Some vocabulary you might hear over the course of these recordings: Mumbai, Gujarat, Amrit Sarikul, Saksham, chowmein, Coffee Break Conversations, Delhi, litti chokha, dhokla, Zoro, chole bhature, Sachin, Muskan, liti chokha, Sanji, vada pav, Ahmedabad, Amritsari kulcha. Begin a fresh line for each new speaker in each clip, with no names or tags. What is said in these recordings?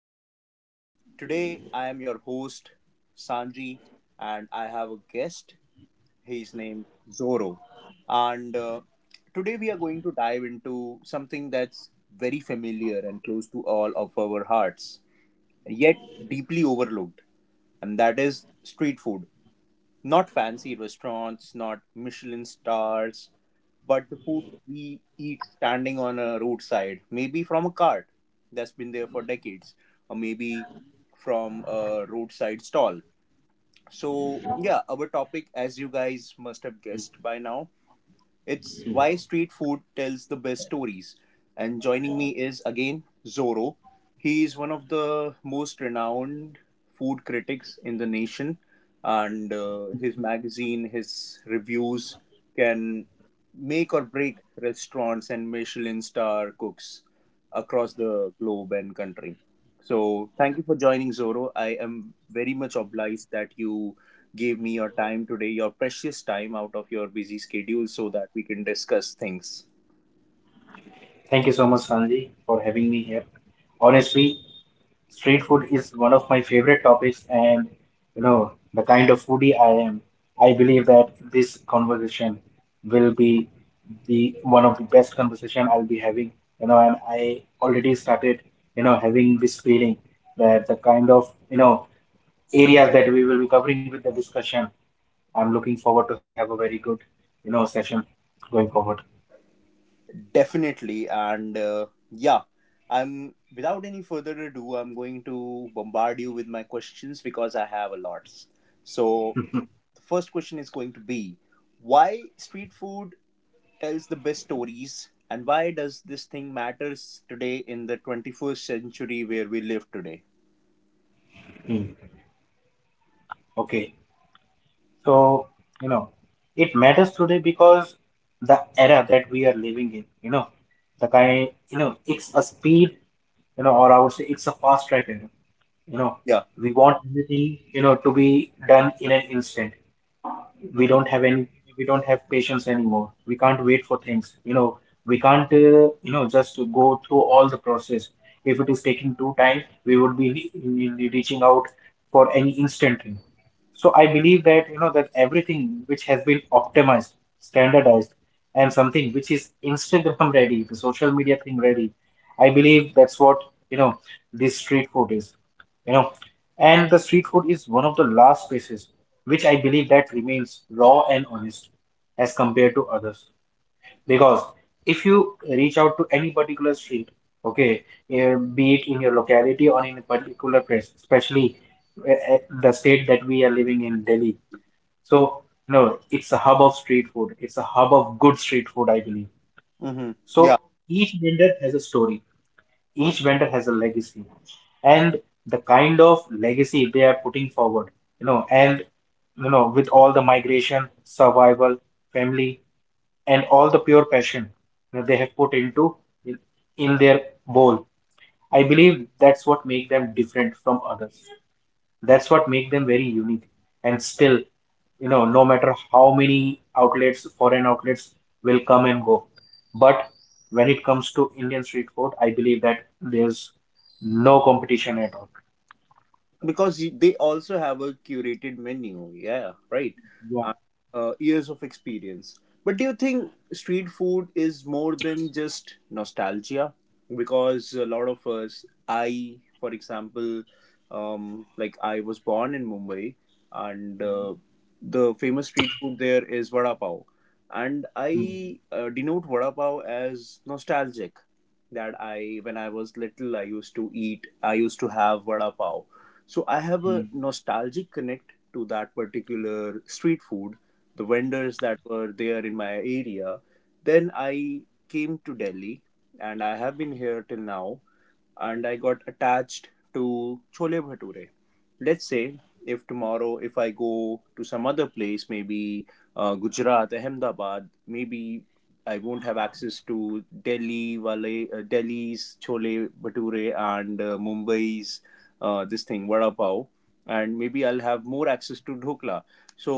podcast. Today I am your host, Sanji, and I have a guest. He is named Zoro. And Today we are going to dive into something that's very familiar and close to all of our hearts, yet deeply overlooked, and that is street food. Not fancy restaurants, not Michelin stars, but the food we eat standing on a roadside, maybe from a cart that's been there for decades, or maybe from a roadside stall. So, yeah, our topic, as you guys must have guessed by now, it's why street food tells the best stories. And joining me is again Zoro. He is one of the most renowned food critics in the nation, and his magazine, his reviews can make or break restaurants and Michelin star cooks across the globe and country. So, thank you for joining Zoro. I am very much obliged that you gave me your time today, your precious time out of your busy schedule, so that we can discuss things.
Thank you so much, Sanji, for having me here. Honestly, street food is one of my favorite topics, and the kind of foodie I am, I believe that this conversation will be the one of the best conversation I'll be having, and I already started, having this feeling that the kind of, areas that we will be covering with the discussion, I'm looking forward to have a very good, session going forward.
Definitely. And yeah, I'm without any further ado, I'm going to bombard you with my questions because I have a lot. So, the first question is going to be why street food tells the best stories and why does this thing matters today in the 21st century where we live today.
Hmm. Okay. So, you know, it matters today because the era that we are living in, the kind, it's a speed, or I would say it's a fast track era. You know,
Yeah.
we want everything, to be done in an instant. we
Mm-hmm.
don't have any we don't have patience anymore. We can't wait for things. We can't just go through all the process. If it is taking too time, we would be reaching out for any instant thing. So I believe that that everything which has been optimized, standardized, and something which is Instagram ready, the social media thing ready. I believe that's what, you know, this street food is, you know. And the street food is one of the last spaces which I believe that remains raw and honest as compared to others. Because if you reach out to any particular street, okay, be it in your locality or in a particular place, especially the state that we are living in, Delhi. So, it's a hub of street food. It's a hub of good street food, I believe.
Mm-hmm. Yeah.
So each vendor has a story. Each vendor has a legacy. And the kind of legacy they are putting forward, and, with all the migration, survival, family, and all the pure passion that they have put into, in, in their bowl. I believe that's what make them different from others. That's what make them very unique. And still, no matter how many outlets, foreign outlets will come and go. But when it comes to Indian street food, I believe that there's no competition at all.
Because they also have a curated menu, yeah, right,
Yeah.
and years of experience, but do you think street food is more than just nostalgia? Because a lot of us, I for example, like I was born in Mumbai, and the famous street food there is vada pav. And
Mm,
I denote vada pav as nostalgic. That I, when I was little, I used to eat, I used to have vada pav. So I have a
mm.
nostalgic connect to that particular street food, the vendors that were there in my area. Then I came to Delhi, and I have been here till now, and I got attached to chole bhature. Let's say if tomorrow, if I go to some other place, maybe Gujarat, Ahmedabad, maybe I won't have access to Delhi wale, Delhi's chole bhature, and Mumbai's this thing vada pav, and maybe I'll have more access to dhokla. So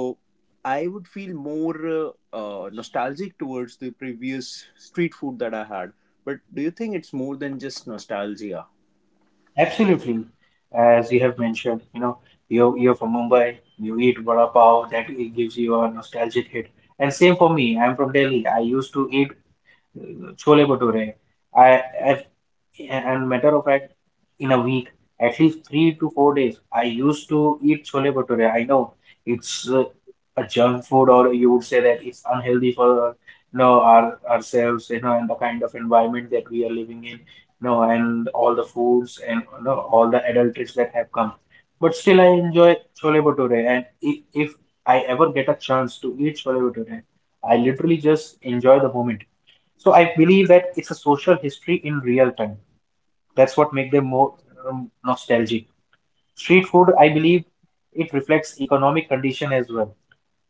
I would feel more nostalgic towards the previous street food that I had. But do you think it's more than just nostalgia?
Absolutely. As you have mentioned, you're from Mumbai, you eat vada pav, that it gives you a nostalgic hit. And same for me, I'm from Delhi. I used to eat chole bhature. I and matter of fact, in a week, at least 3 to 4 days, I used to eat chole bhature. I know it's a junk food, or you would say that it's unhealthy for ourselves, and the kind of environment that we are living in, and all the foods, and all the adulteries that have come. But still, I enjoy chole bhature, and if I ever get a chance to eat chole bhature, I literally just enjoy the moment. So I believe that it's a social history in real time. That's what make them more nostalgic. Street food, I believe, it reflects economic condition as well,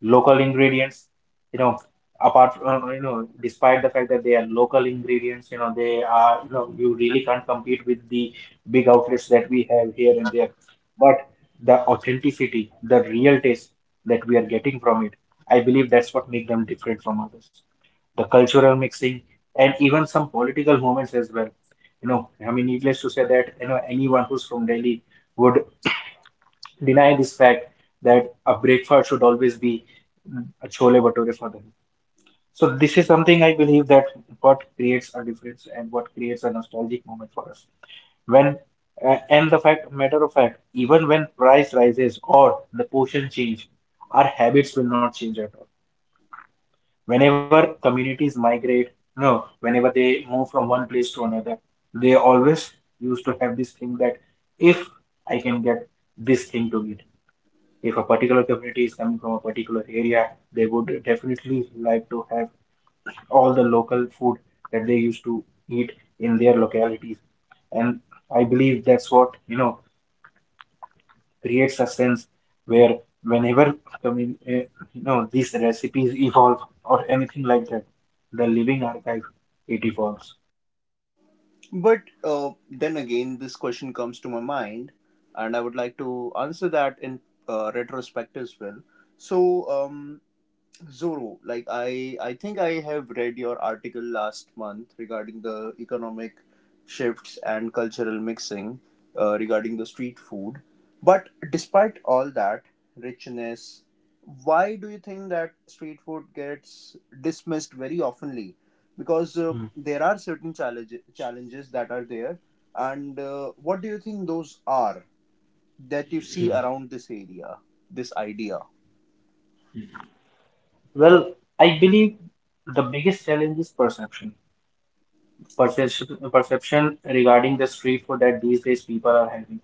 local ingredients, you know apart from, despite the fact that they are local ingredients, they are, you really can't compete with the big outlets that we have here and there. But the authenticity, the real taste that we are getting from it, I believe that's what make them different from others, the cultural mixing and even some political movements as well. I mean, needless to say that anyone who's from Delhi would deny this fact that a breakfast should always be, a chole bhature for them. So this is something I believe that what creates a difference and what creates a nostalgic moment for us. When and the fact matter of fact, even when price rises or the portion change, our habits will not change at all. Whenever communities migrate, no, whenever they move from one place to another, they always used to have this thing that if I can get this thing to eat, if a particular community is coming from a particular area, they would definitely like to have all the local food that they used to eat in their localities. And I believe that's what, creates a sense where whenever, commun- eh, these recipes evolve or anything like that, the living archive, it evolves.
But then again, this question comes to my mind, and I would like to answer that in retrospect as well. So, Zoro, like I think I have read your article last month regarding the economic shifts and cultural mixing regarding the street food. But despite all that richness, why do you think that street food gets dismissed very oftenly? Because
Hmm.
there are certain challenges that are there, and what do you think those are that you
Yeah.
see around this area, this idea?
Well, I believe the biggest challenge is perception. Perception regarding the street food that these days people are having,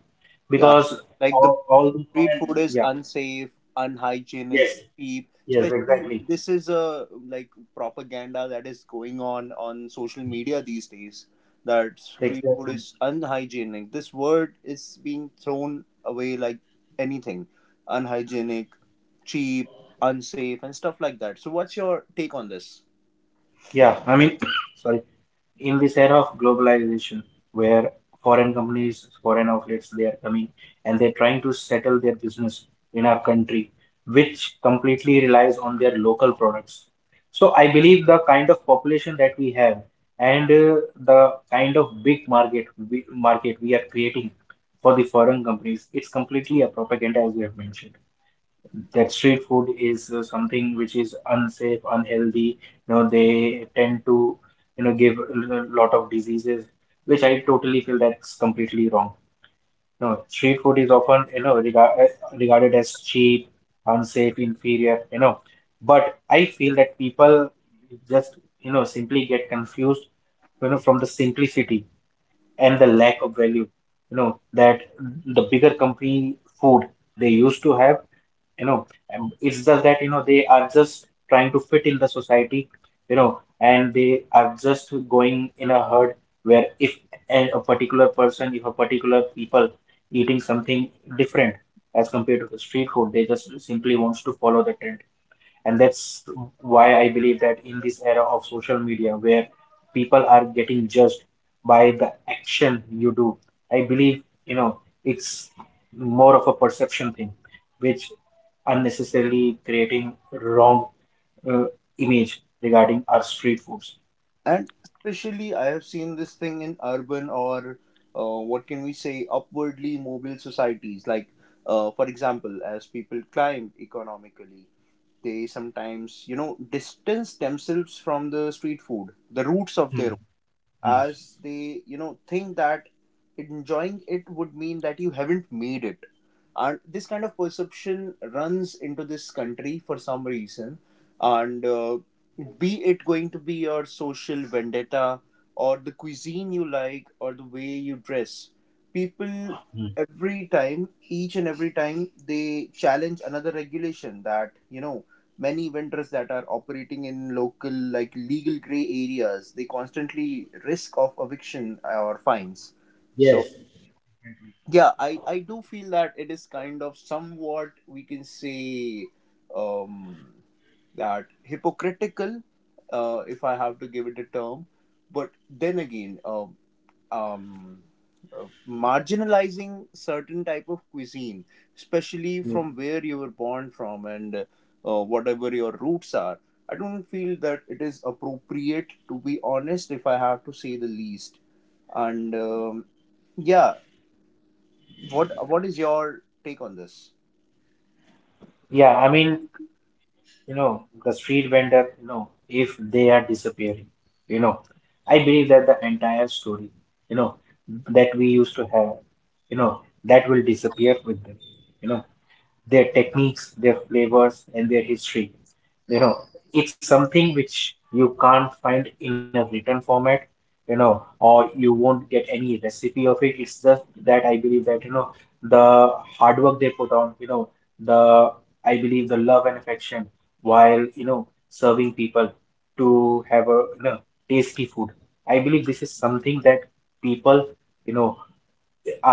Yeah,
because
like the
all the
street food is
yeah,
unsafe, unhygienic,
yes,
cheap.
yes,
Especially
exactly,
this is a like propaganda that is going on social media these days that street food
exactly,
is unhygienic. This word is being thrown away like anything: unhygienic, cheap, unsafe and stuff like that. So what's your take on this?
yeah. I mean, sorry, in this era of globalization where foreign companies, foreign outlets, they are coming and they're trying to settle their business in our country, which completely relies on their local products. So I believe the kind of population that we have, and the kind of big market we are creating for the foreign companies, it's completely a propaganda, as we have mentioned, that street food is something which is unsafe, unhealthy. You know, they tend to, give a lot of diseases, which I totally feel that's completely wrong. No, street food is often, regarded as cheap, unsafe, inferior. But I feel that people just, simply get confused, from the simplicity and the lack of value, that the bigger company food they used to have. you know it's just that they are just trying to fit in the society, and they are just going in a herd, where if a, a particular person, if a particular people eating something different as compared to the street food, they just simply wants to follow the trend. And that's why I believe that in this era of social media where people are getting judged by the action you do, I believe, it's more of a perception thing, which unnecessarily creating wrong uh, image regarding our street foods.
And especially I have seen this thing in urban or what can we say upwardly mobile societies, like for example, as people climb economically, they sometimes, you know, distance themselves from the street food, the roots of
Hmm.
their,
Hmm.
as they, you know, think that enjoying it would mean that you haven't made it. And this kind of perception runs into this country for some reason. And be it going to be your social vendetta or the cuisine you like or the way you dress, people
Hmm.
every time, each and every time they challenge another regulation, that, you know, many vendors that are operating in local like legal gray areas, they constantly risk of eviction or fines.
Yes.
So yeah, I do feel that it is kind of, somewhat we can say, um that hypocritical, if I have to give it a term. But then again, um marginalizing certain type of cuisine, especially
Mm.
from where you were born from, and whatever your roots are, I don't feel that it is appropriate, to be honest, if I have to say the least. And yeah, what is your take on this?
Yeah, I mean, the street vendor, if they are disappearing, you know, I believe that the entire story, you know, that we used to have, that will disappear with them, you know their techniques, their flavors, and their history. You know, it's something which you can't find in a written format, or you won't get any recipe of it. It's just that I believe that, the hard work they put on, the, I believe the love and affection while, serving people to have a, tasty food. I believe this is something that people, you know,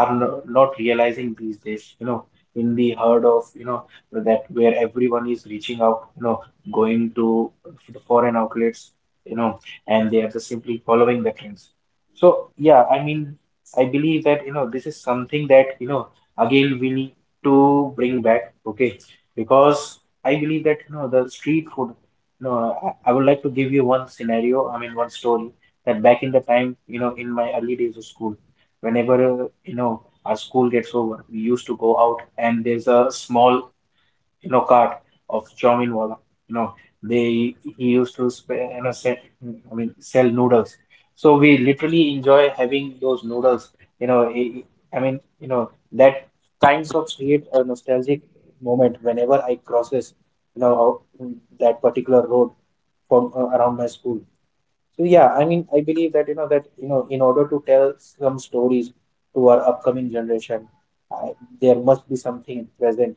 are not realizing these days, in the herd of, that where everyone is reaching out, going to the foreign outlets, you know, and they are just simply following the trends. So, yeah, I mean, I believe that, this is something that, again, we need to bring back, okay? Because I believe that, the street food, I would like to give you one scenario, I mean, one story, that back in the time, in my early days of school. Whenever, our school gets over, we used to go out and there's a small, cart of chowmein wala. You know, they he used to, sell, I mean, sell noodles. So we literally enjoy having those noodles. You know, i I mean, that kinds of create a nostalgic moment whenever I crosses, you know, that particular road from around my school. So yeah, I mean, I believe that that in order to tell some stories to our upcoming generation, I, there must be something present.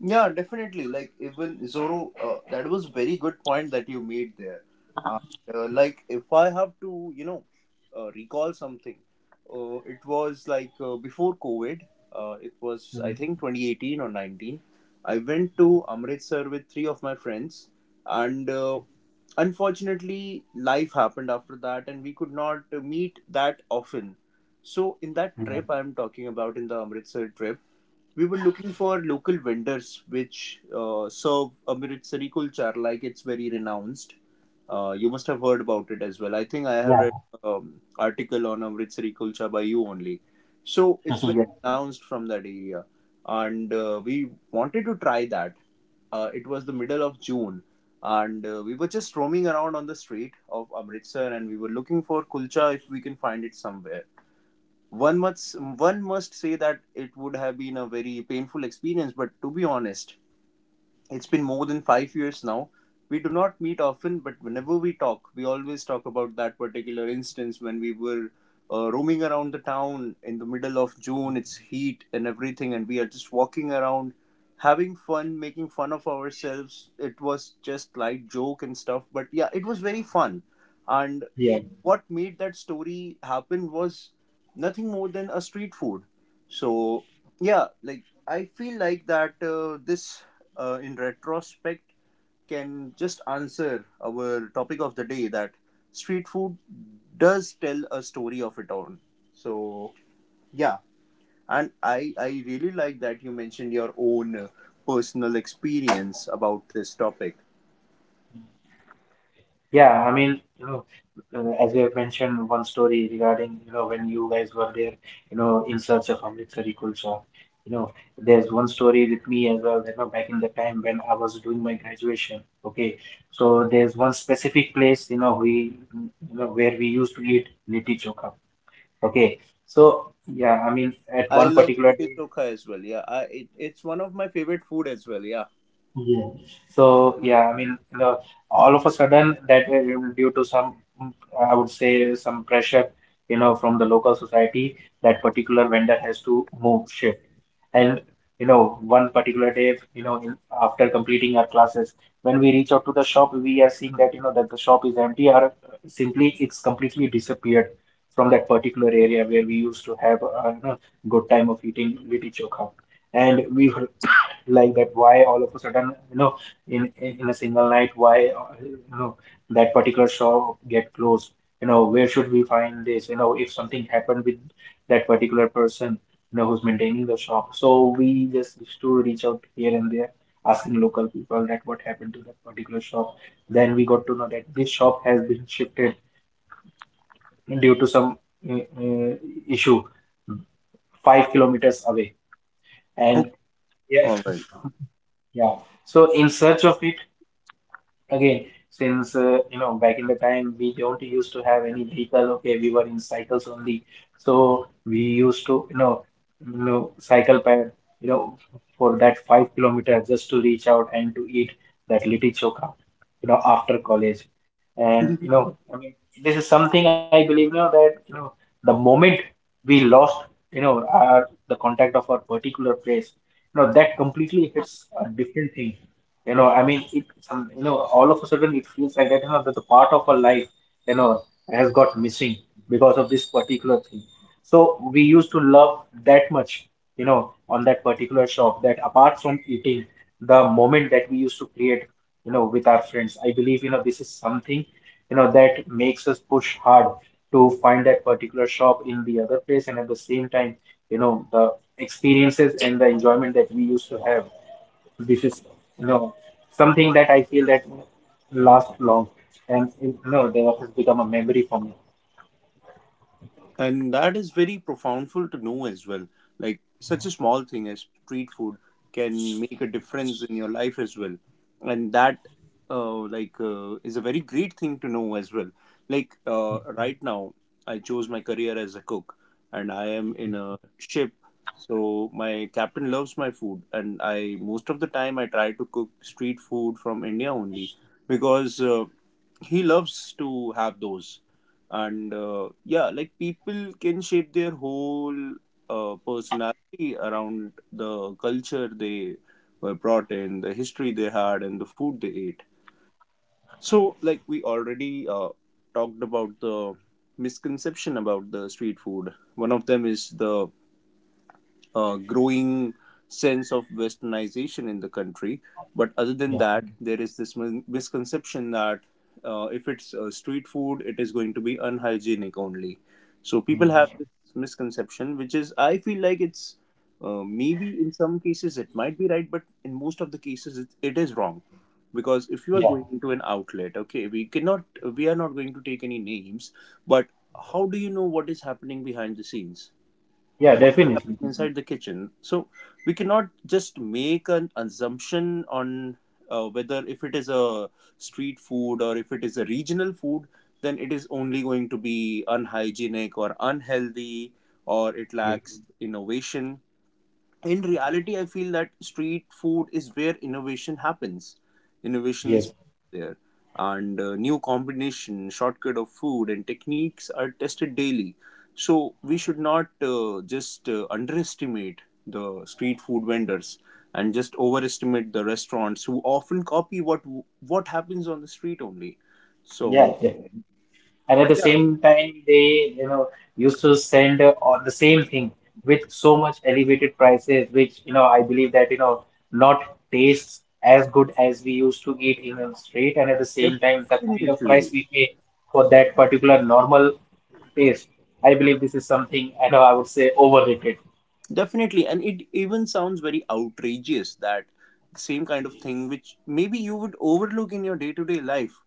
Yeah, definitely. Like, even Zoro, that was very good point that you made there. And like if I have to, you know, recall something, it was like before COVID. It was I
Mm,
think 2018 or 19. I went to Amritsar with three of my friends, and unfortunately, life happened after that, and we could not meet that often. So in that
mm.
trip, I'm talking about in the Amritsar trip, we were looking for local vendors which serve Amritsari kulcha, like it's very renounced. You must have heard about it as well. I think I have read
Yeah.
article on Amritsari kulcha by you only. So it's very
Yeah,
renounced from that area, and we wanted to try that. It was the middle of June, and we were just roaming around on the street of Amritsar, and we were looking for kulcha if we can find it somewhere. One must say that it would have been a very painful experience, but to be honest, it's been more than 5 years now. We do not meet often, but whenever we talk, we always talk about that particular instance when we were roaming around the town in the middle of June. It's heat and everything, and we are just walking around, having fun, making fun of ourselves. It was just light joke and stuff, but yeah, it was very fun. And
yeah,
what made that story happen was nothing more than a street food. So yeah, like I feel like that this in retrospect can just answer our topic of the day, that street food does tell a story of its own. So yeah, and I really like that you mentioned your own personal experience about this topic.
yeah. I mean, as you have mentioned one story regarding when you guys were there, in search of Amrit Sarikul sir. You know, there's one story with me as well. Back in the time when I was doing my graduation. Okay, so there's one specific place you know we you know where we used to eat litti chokha. Okay, so yeah, I mean, at
I
one
love
particular
liti
day.
chokha as well, yeah. It, it's one of my favorite food as well, yeah.
Yeah. So yeah, I mean, all of a sudden that due to some, mm, I would say, some pressure, from the local society, that particular vendor has to move shift. And you know, one particular day, you know, in, after completing our classes, when we reach out to the shop, we are seeing that you know that the shop is empty or simply it's completely disappeared from that particular area where we used to have you know, good time of eating liti chokha. And we like that why all of a sudden you know in a single night why you know that particular shop get closed, you know where should we find this, you know if something happened with that particular person, you know who's maintaining the shop, so we just used to reach out here and there asking local people that what happened to that particular shop. Then we got to know that this shop has been shifted due to some uh, uh, issue 5 kilometers away.
Okay,
And yes
all right.
yeah, so in search of it. Again, since you know back in the time we don't used to have any vehicle. Okay, we were in cycles only, so we used to you know, you know cycle pad, you know for that 5 kilometer just to reach out and to eat that litti chokha, you know after college. And you know I mean this is something I believe you know that you know the moment we lost, you know our the contact of our particular place, you know that completely hits a different thing, you know I mean it some you know all of a sudden it feels like that you know that the part of our life you know has got missing because of this particular thing. So we used to love that much, you know on that particular shop that apart from eating the moment that we used to create you know with our friends, I believe you know this is something you know that makes us push hard to find that particular shop in the other place, and at the same time you know the experiences and the enjoyment that we used to have, this is you know something that I feel that lasts long and you know they have become a memory for me.
And that is very profoundful to know as well. Like such a small thing as street food can make a difference in your life as well. And that like is a very great thing to know as well. Like right now, I chose my career as a cook and I am in a ship. So my captain loves my food, and I most of the time I try to cook street food from India only, because he loves to have those. And yeah, like people can shape their whole personality around the culture they were brought in, the history they had, and the food they ate. So like we already talked about the misconception about the street food. One of them is the growing sense of westernization in the country. But other than
Yeah.
that, there is this misconception that if it's street food, it is going to be unhygienic only. So people
Mm.
have this misconception, which is, I feel like it's maybe in some cases it might be right, but in most of the cases it is wrong. Because if you are
Yeah,
going into an outlet, okay, we cannot, we are not going to take any names, but how do you know what is happening behind the scenes?
yeah,
What
definitely.
happened inside the kitchen, so we cannot just make an assumption on whether if it is a street food or if it is a regional food, then it is only going to be unhygienic or unhealthy or it
Ye-
lacks innovation. In reality, I feel that street food is where innovation happens. Innovations
Yes,
there, and new combination shortcut of food and techniques are tested daily. So we should not just underestimate the street food vendors and just overestimate the restaurants who often copy what happens on the street only. So
yeah, yeah. And at the
yeah,
same time, they, you know, used to send all the same thing with so much elevated prices, which, you know, I believe that, you know, not tastes as good as we used to eat in a street. And at the same time, the kind of price
definitely.
we pay for that particular normal taste, I believe this is something, I know I would say overrated.
Definitely, and it even sounds very outrageous that the same kind of thing which maybe you would overlook in your day to day life,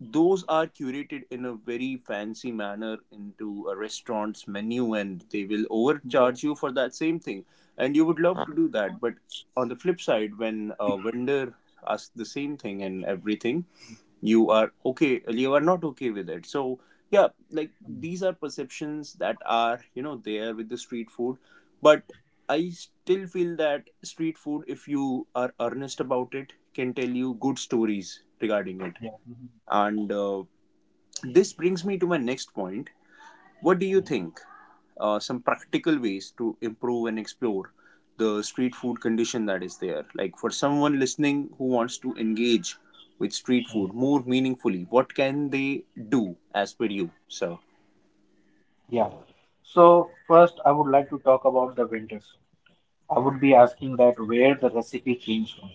those are curated in a very fancy manner into a restaurant's menu, and they will
Mhm.
overcharge you for that same thing, and you would love to do that. But on the flip side, when a vendor asks the same thing and everything, you are okay, you are not okay with it. So yeah, like these are perceptions that are, you know, there with the street food. But I still feel that street food, if you are earnest about it, can tell you good stories regarding it.
Yeah. Mhm.
And This brings me to my next point. What do you think? Some practical ways to improve and explore the street food condition that is there. Like for someone listening who wants to engage with street food more meaningfully, what can they do as per you? So,
Yeah. So first, I would like to talk about the winters. I would be asking that where the recipe came from,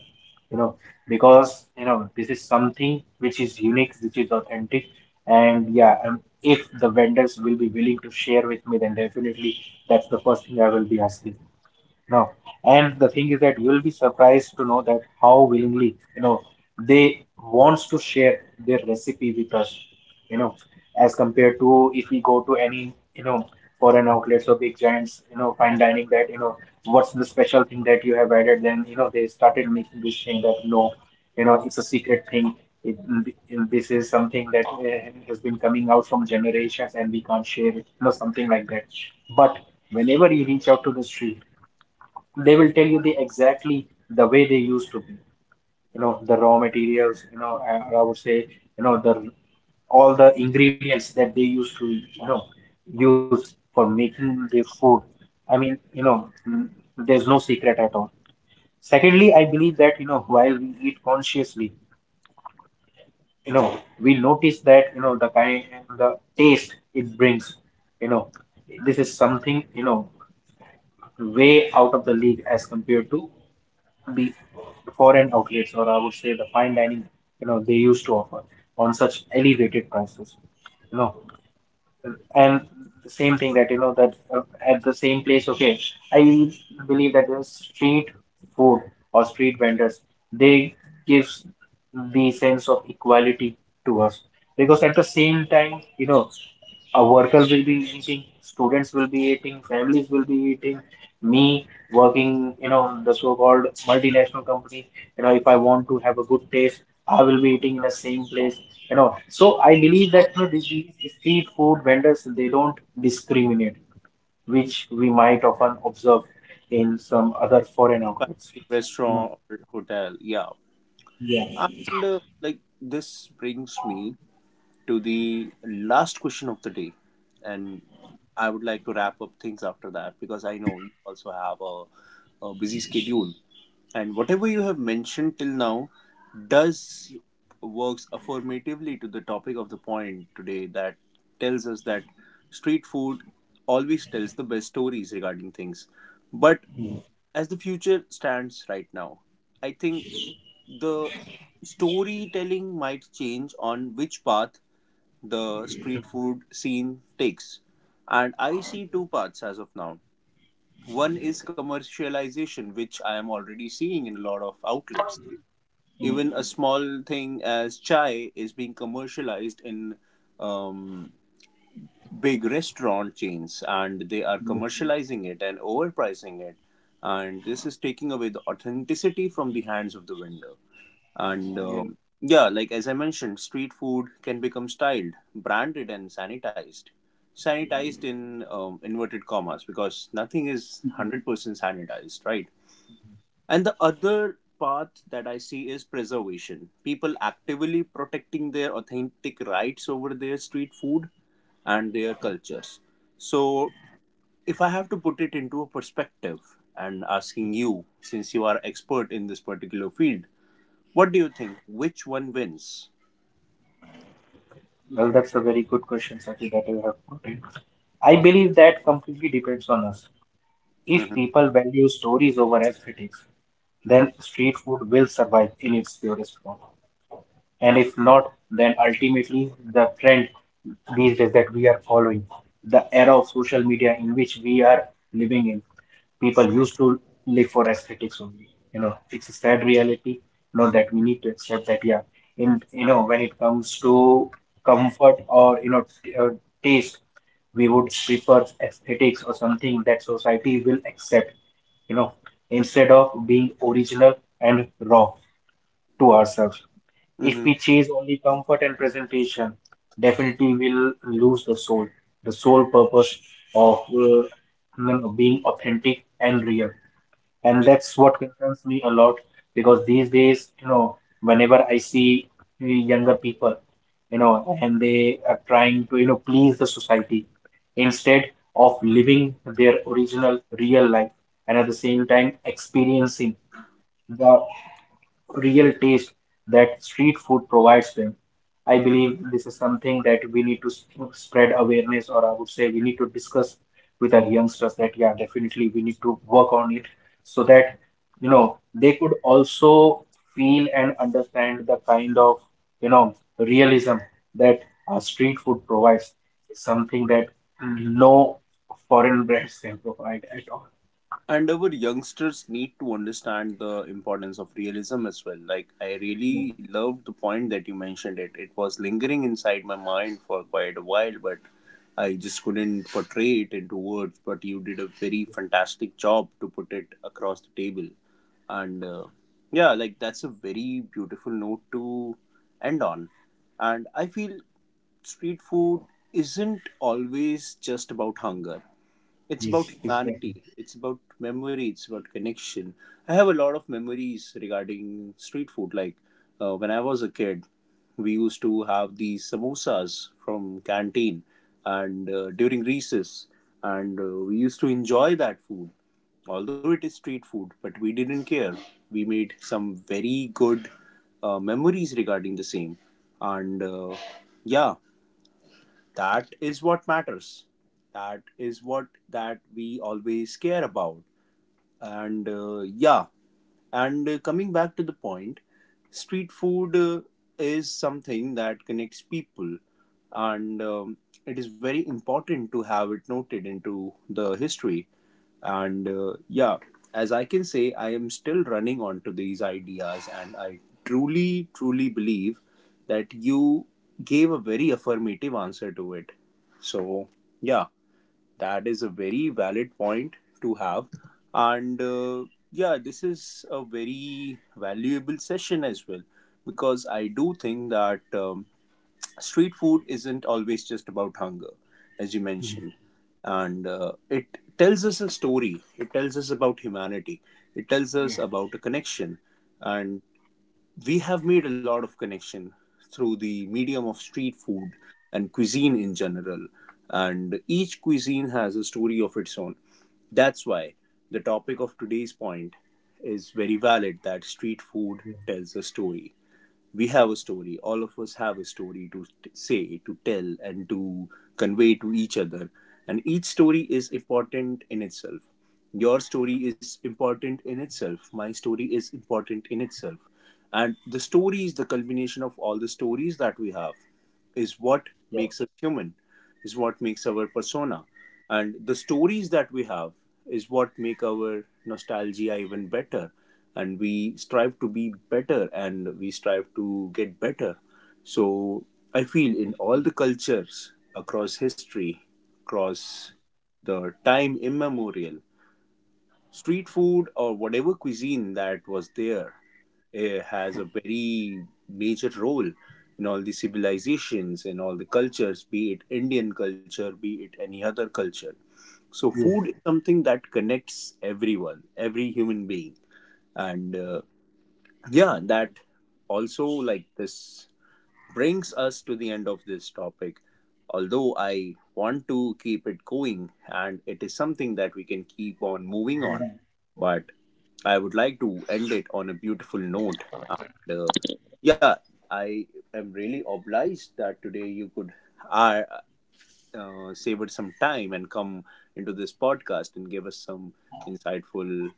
you know, because you know this is something which is unique, which is authentic, and yeah, and if the vendors will be willing to share with me, then definitely that's the first thing I will be asking. No. And the thing is that you will be surprised to know that how willingly, you know, they wants to share their recipe with us, you know, as compared to if we go to any, you know, foreign outlets or big giants, you know, fine dining that, you know, what's the special thing that you have added? Then, you know, they started making this thing that no, you know, it's a secret thing. It, this is something that has been coming out from generations and we can't share it, you know, something like that. But whenever you reach out to the street, they will tell you the exactly the way they used to be, you know the raw materials, you know and I would say you know the all the ingredients that they used to you know use for making their food. I mean, you know, there's no secret at all. Secondly I believe that you know while we eat consciously, you know we notice that you know the kind, the taste it brings, you know this is something you know way out of the league as compared to the foreign outlets, or I would say the fine dining, you know, they used to offer on such elevated prices, you know. And the same thing that, you know, that at the same place, okay, I believe that the street food or street vendors, they gives the sense of equality to us, because at the same time, you know workers will be eating, students will be eating, families will be eating, me working, you know, the so-called multinational company, you know, if I want to have a good taste, I will be eating in the same place, you know. So I believe that you know, these street food vendors they don't discriminate, which we might often observe in some other foreign outlets. No.
restaurant or hotel, yeah.
Yeah.
And like this brings me to the last question of the day. And I would like to wrap up things after that, because I know you also have a busy schedule. And whatever you have mentioned till now does works affirmatively to the topic of the point today, that tells us that street food always tells the best stories regarding things. But as the future stands right now, I think the storytelling might change on which path the street food scene takes. And I see two paths as of now. One is commercialization, which I am already seeing in a lot of outlets. Even
Mm.
a small thing as chai is being commercialized in um, big restaurant chains, and they are
Yeah.
commercializing it and overpricing it. And this is taking away the authenticity from the hands of the vendor. And
Yeah.
yeah, like as I mentioned, street food can become styled, branded, and sanitized. Sanitized in inverted commas, because nothing is 100% sanitized, right? And the other path that I see is preservation. People actively protecting their authentic rights over their street food and their cultures. So, if I have to put it into a perspective and asking you, since you are expert in this particular field, what do you think? Which one wins?
Well, that's a very good question, Sachin, that you have put in. I believe that completely depends on us. If
Mm-hmm.
people value stories over aesthetics, then street food will survive in its purest form. And if not, then ultimately the trend these days that we are following, the era of social media in which we are living in, people used to live for aesthetics only. You know, it's a sad reality. You know that we need to accept that. Yeah, in you know when it comes to comfort or taste, we would prefer aesthetics or something that society will accept. You know, instead of being original and raw to ourselves. If
Mm-hmm.
we chase only comfort and presentation, definitely we'll lose the soul, the sole purpose of you being authentic and real. And that's what concerns me a lot because these days, you know, whenever I see younger people, you know, and they are trying to, you know, please the society instead of living their original real life and at the same time experiencing the real taste that street food provides them. I believe this is something that we need to spread awareness, or I would say we need to discuss with our youngsters that, yeah, definitely we need to work on it so that, you know, they could also feel and understand the kind of, you know, realism that our street food provides. It's something that no foreign brands can provide at all.
And our youngsters need to understand the importance of realism as well. Like, I really loved the point that you mentioned. It was lingering inside my mind for quite a while, but I just couldn't portray it into words, but you did a very fantastic job to put it across the table. And yeah, like that's a very beautiful note to end on. And I feel street food isn't always just about hunger. It's about humanity. It's about memory. It's about connection. I have a lot of memories regarding street food. Like when I was a kid, we used to have these samosas from canteen, and during recess, and we used to enjoy that food. Although it is street food, but we didn't care. We made some very good memories regarding the same, and yeah, that is what matters. That is what that we always care about. And yeah, and coming back to the point, street food is something that connects people, and it is very important to have it noted into the history. And yeah, as I can say, I am still running on to these ideas, and I truly, truly believe that you gave a very affirmative answer to it. So, yeah. That is a very valid point to have. And yeah, this is a very valuable session as well, because I do think that street food isn't always just about hunger, as you mentioned.
Mhm.
And it tells us a story, it tells us about humanity, it tells us
Yes,
about a connection. And we have made a lot of connection through the medium of street food and cuisine in general, and each cuisine has a story of its own. That's why the topic of today's point is very valid, that street food tells a story. We have a story, all of us have a story to say, to tell, and to convey to each other, and each story is important in itself. Your story is important in itself, my story is important in itself. And the stories, the culmination of all the stories that we have, is what
yes,
makes us human, is what makes our persona. And the stories that we have is what make our nostalgia even better. And we strive to be better, and we strive to get better. So I feel in all the cultures across history, across the time immemorial, street food or whatever cuisine that was there has a very major role in all the civilizations, in all the cultures, be it Indian culture, be it any other culture. So
yeah,
food is something that connects everyone, every human being. And yeah, that also, like, this brings us to the end of this topic. Although I want to keep it going, and it is something that we can keep on moving on,
yes.
but I would like to end it on a beautiful note. And yeah, I am really obliged that today you could uh, savor some time and come into this podcast and give us some insightful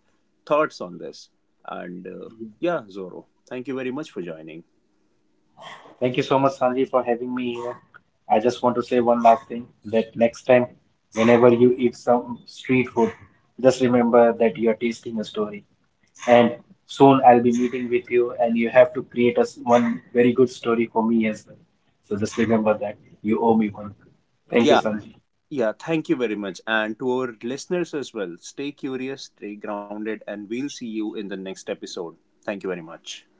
thoughts on this. And yeah, Zoro, thank you very much for joining.
Thank you so much, Sanji, for having me here. I just want to say one last thing that next time, whenever you eat some street food, just remember that you are tasting a story. And soon I'll be meeting with you, and you have to create us one very good story for me as well. So just remember that you owe me one. Thank you,
Yeah.
Sanji.
Yeah, thank you very much. And to our listeners as well, stay curious, stay grounded, and we'll see you in the next episode. Thank you very much.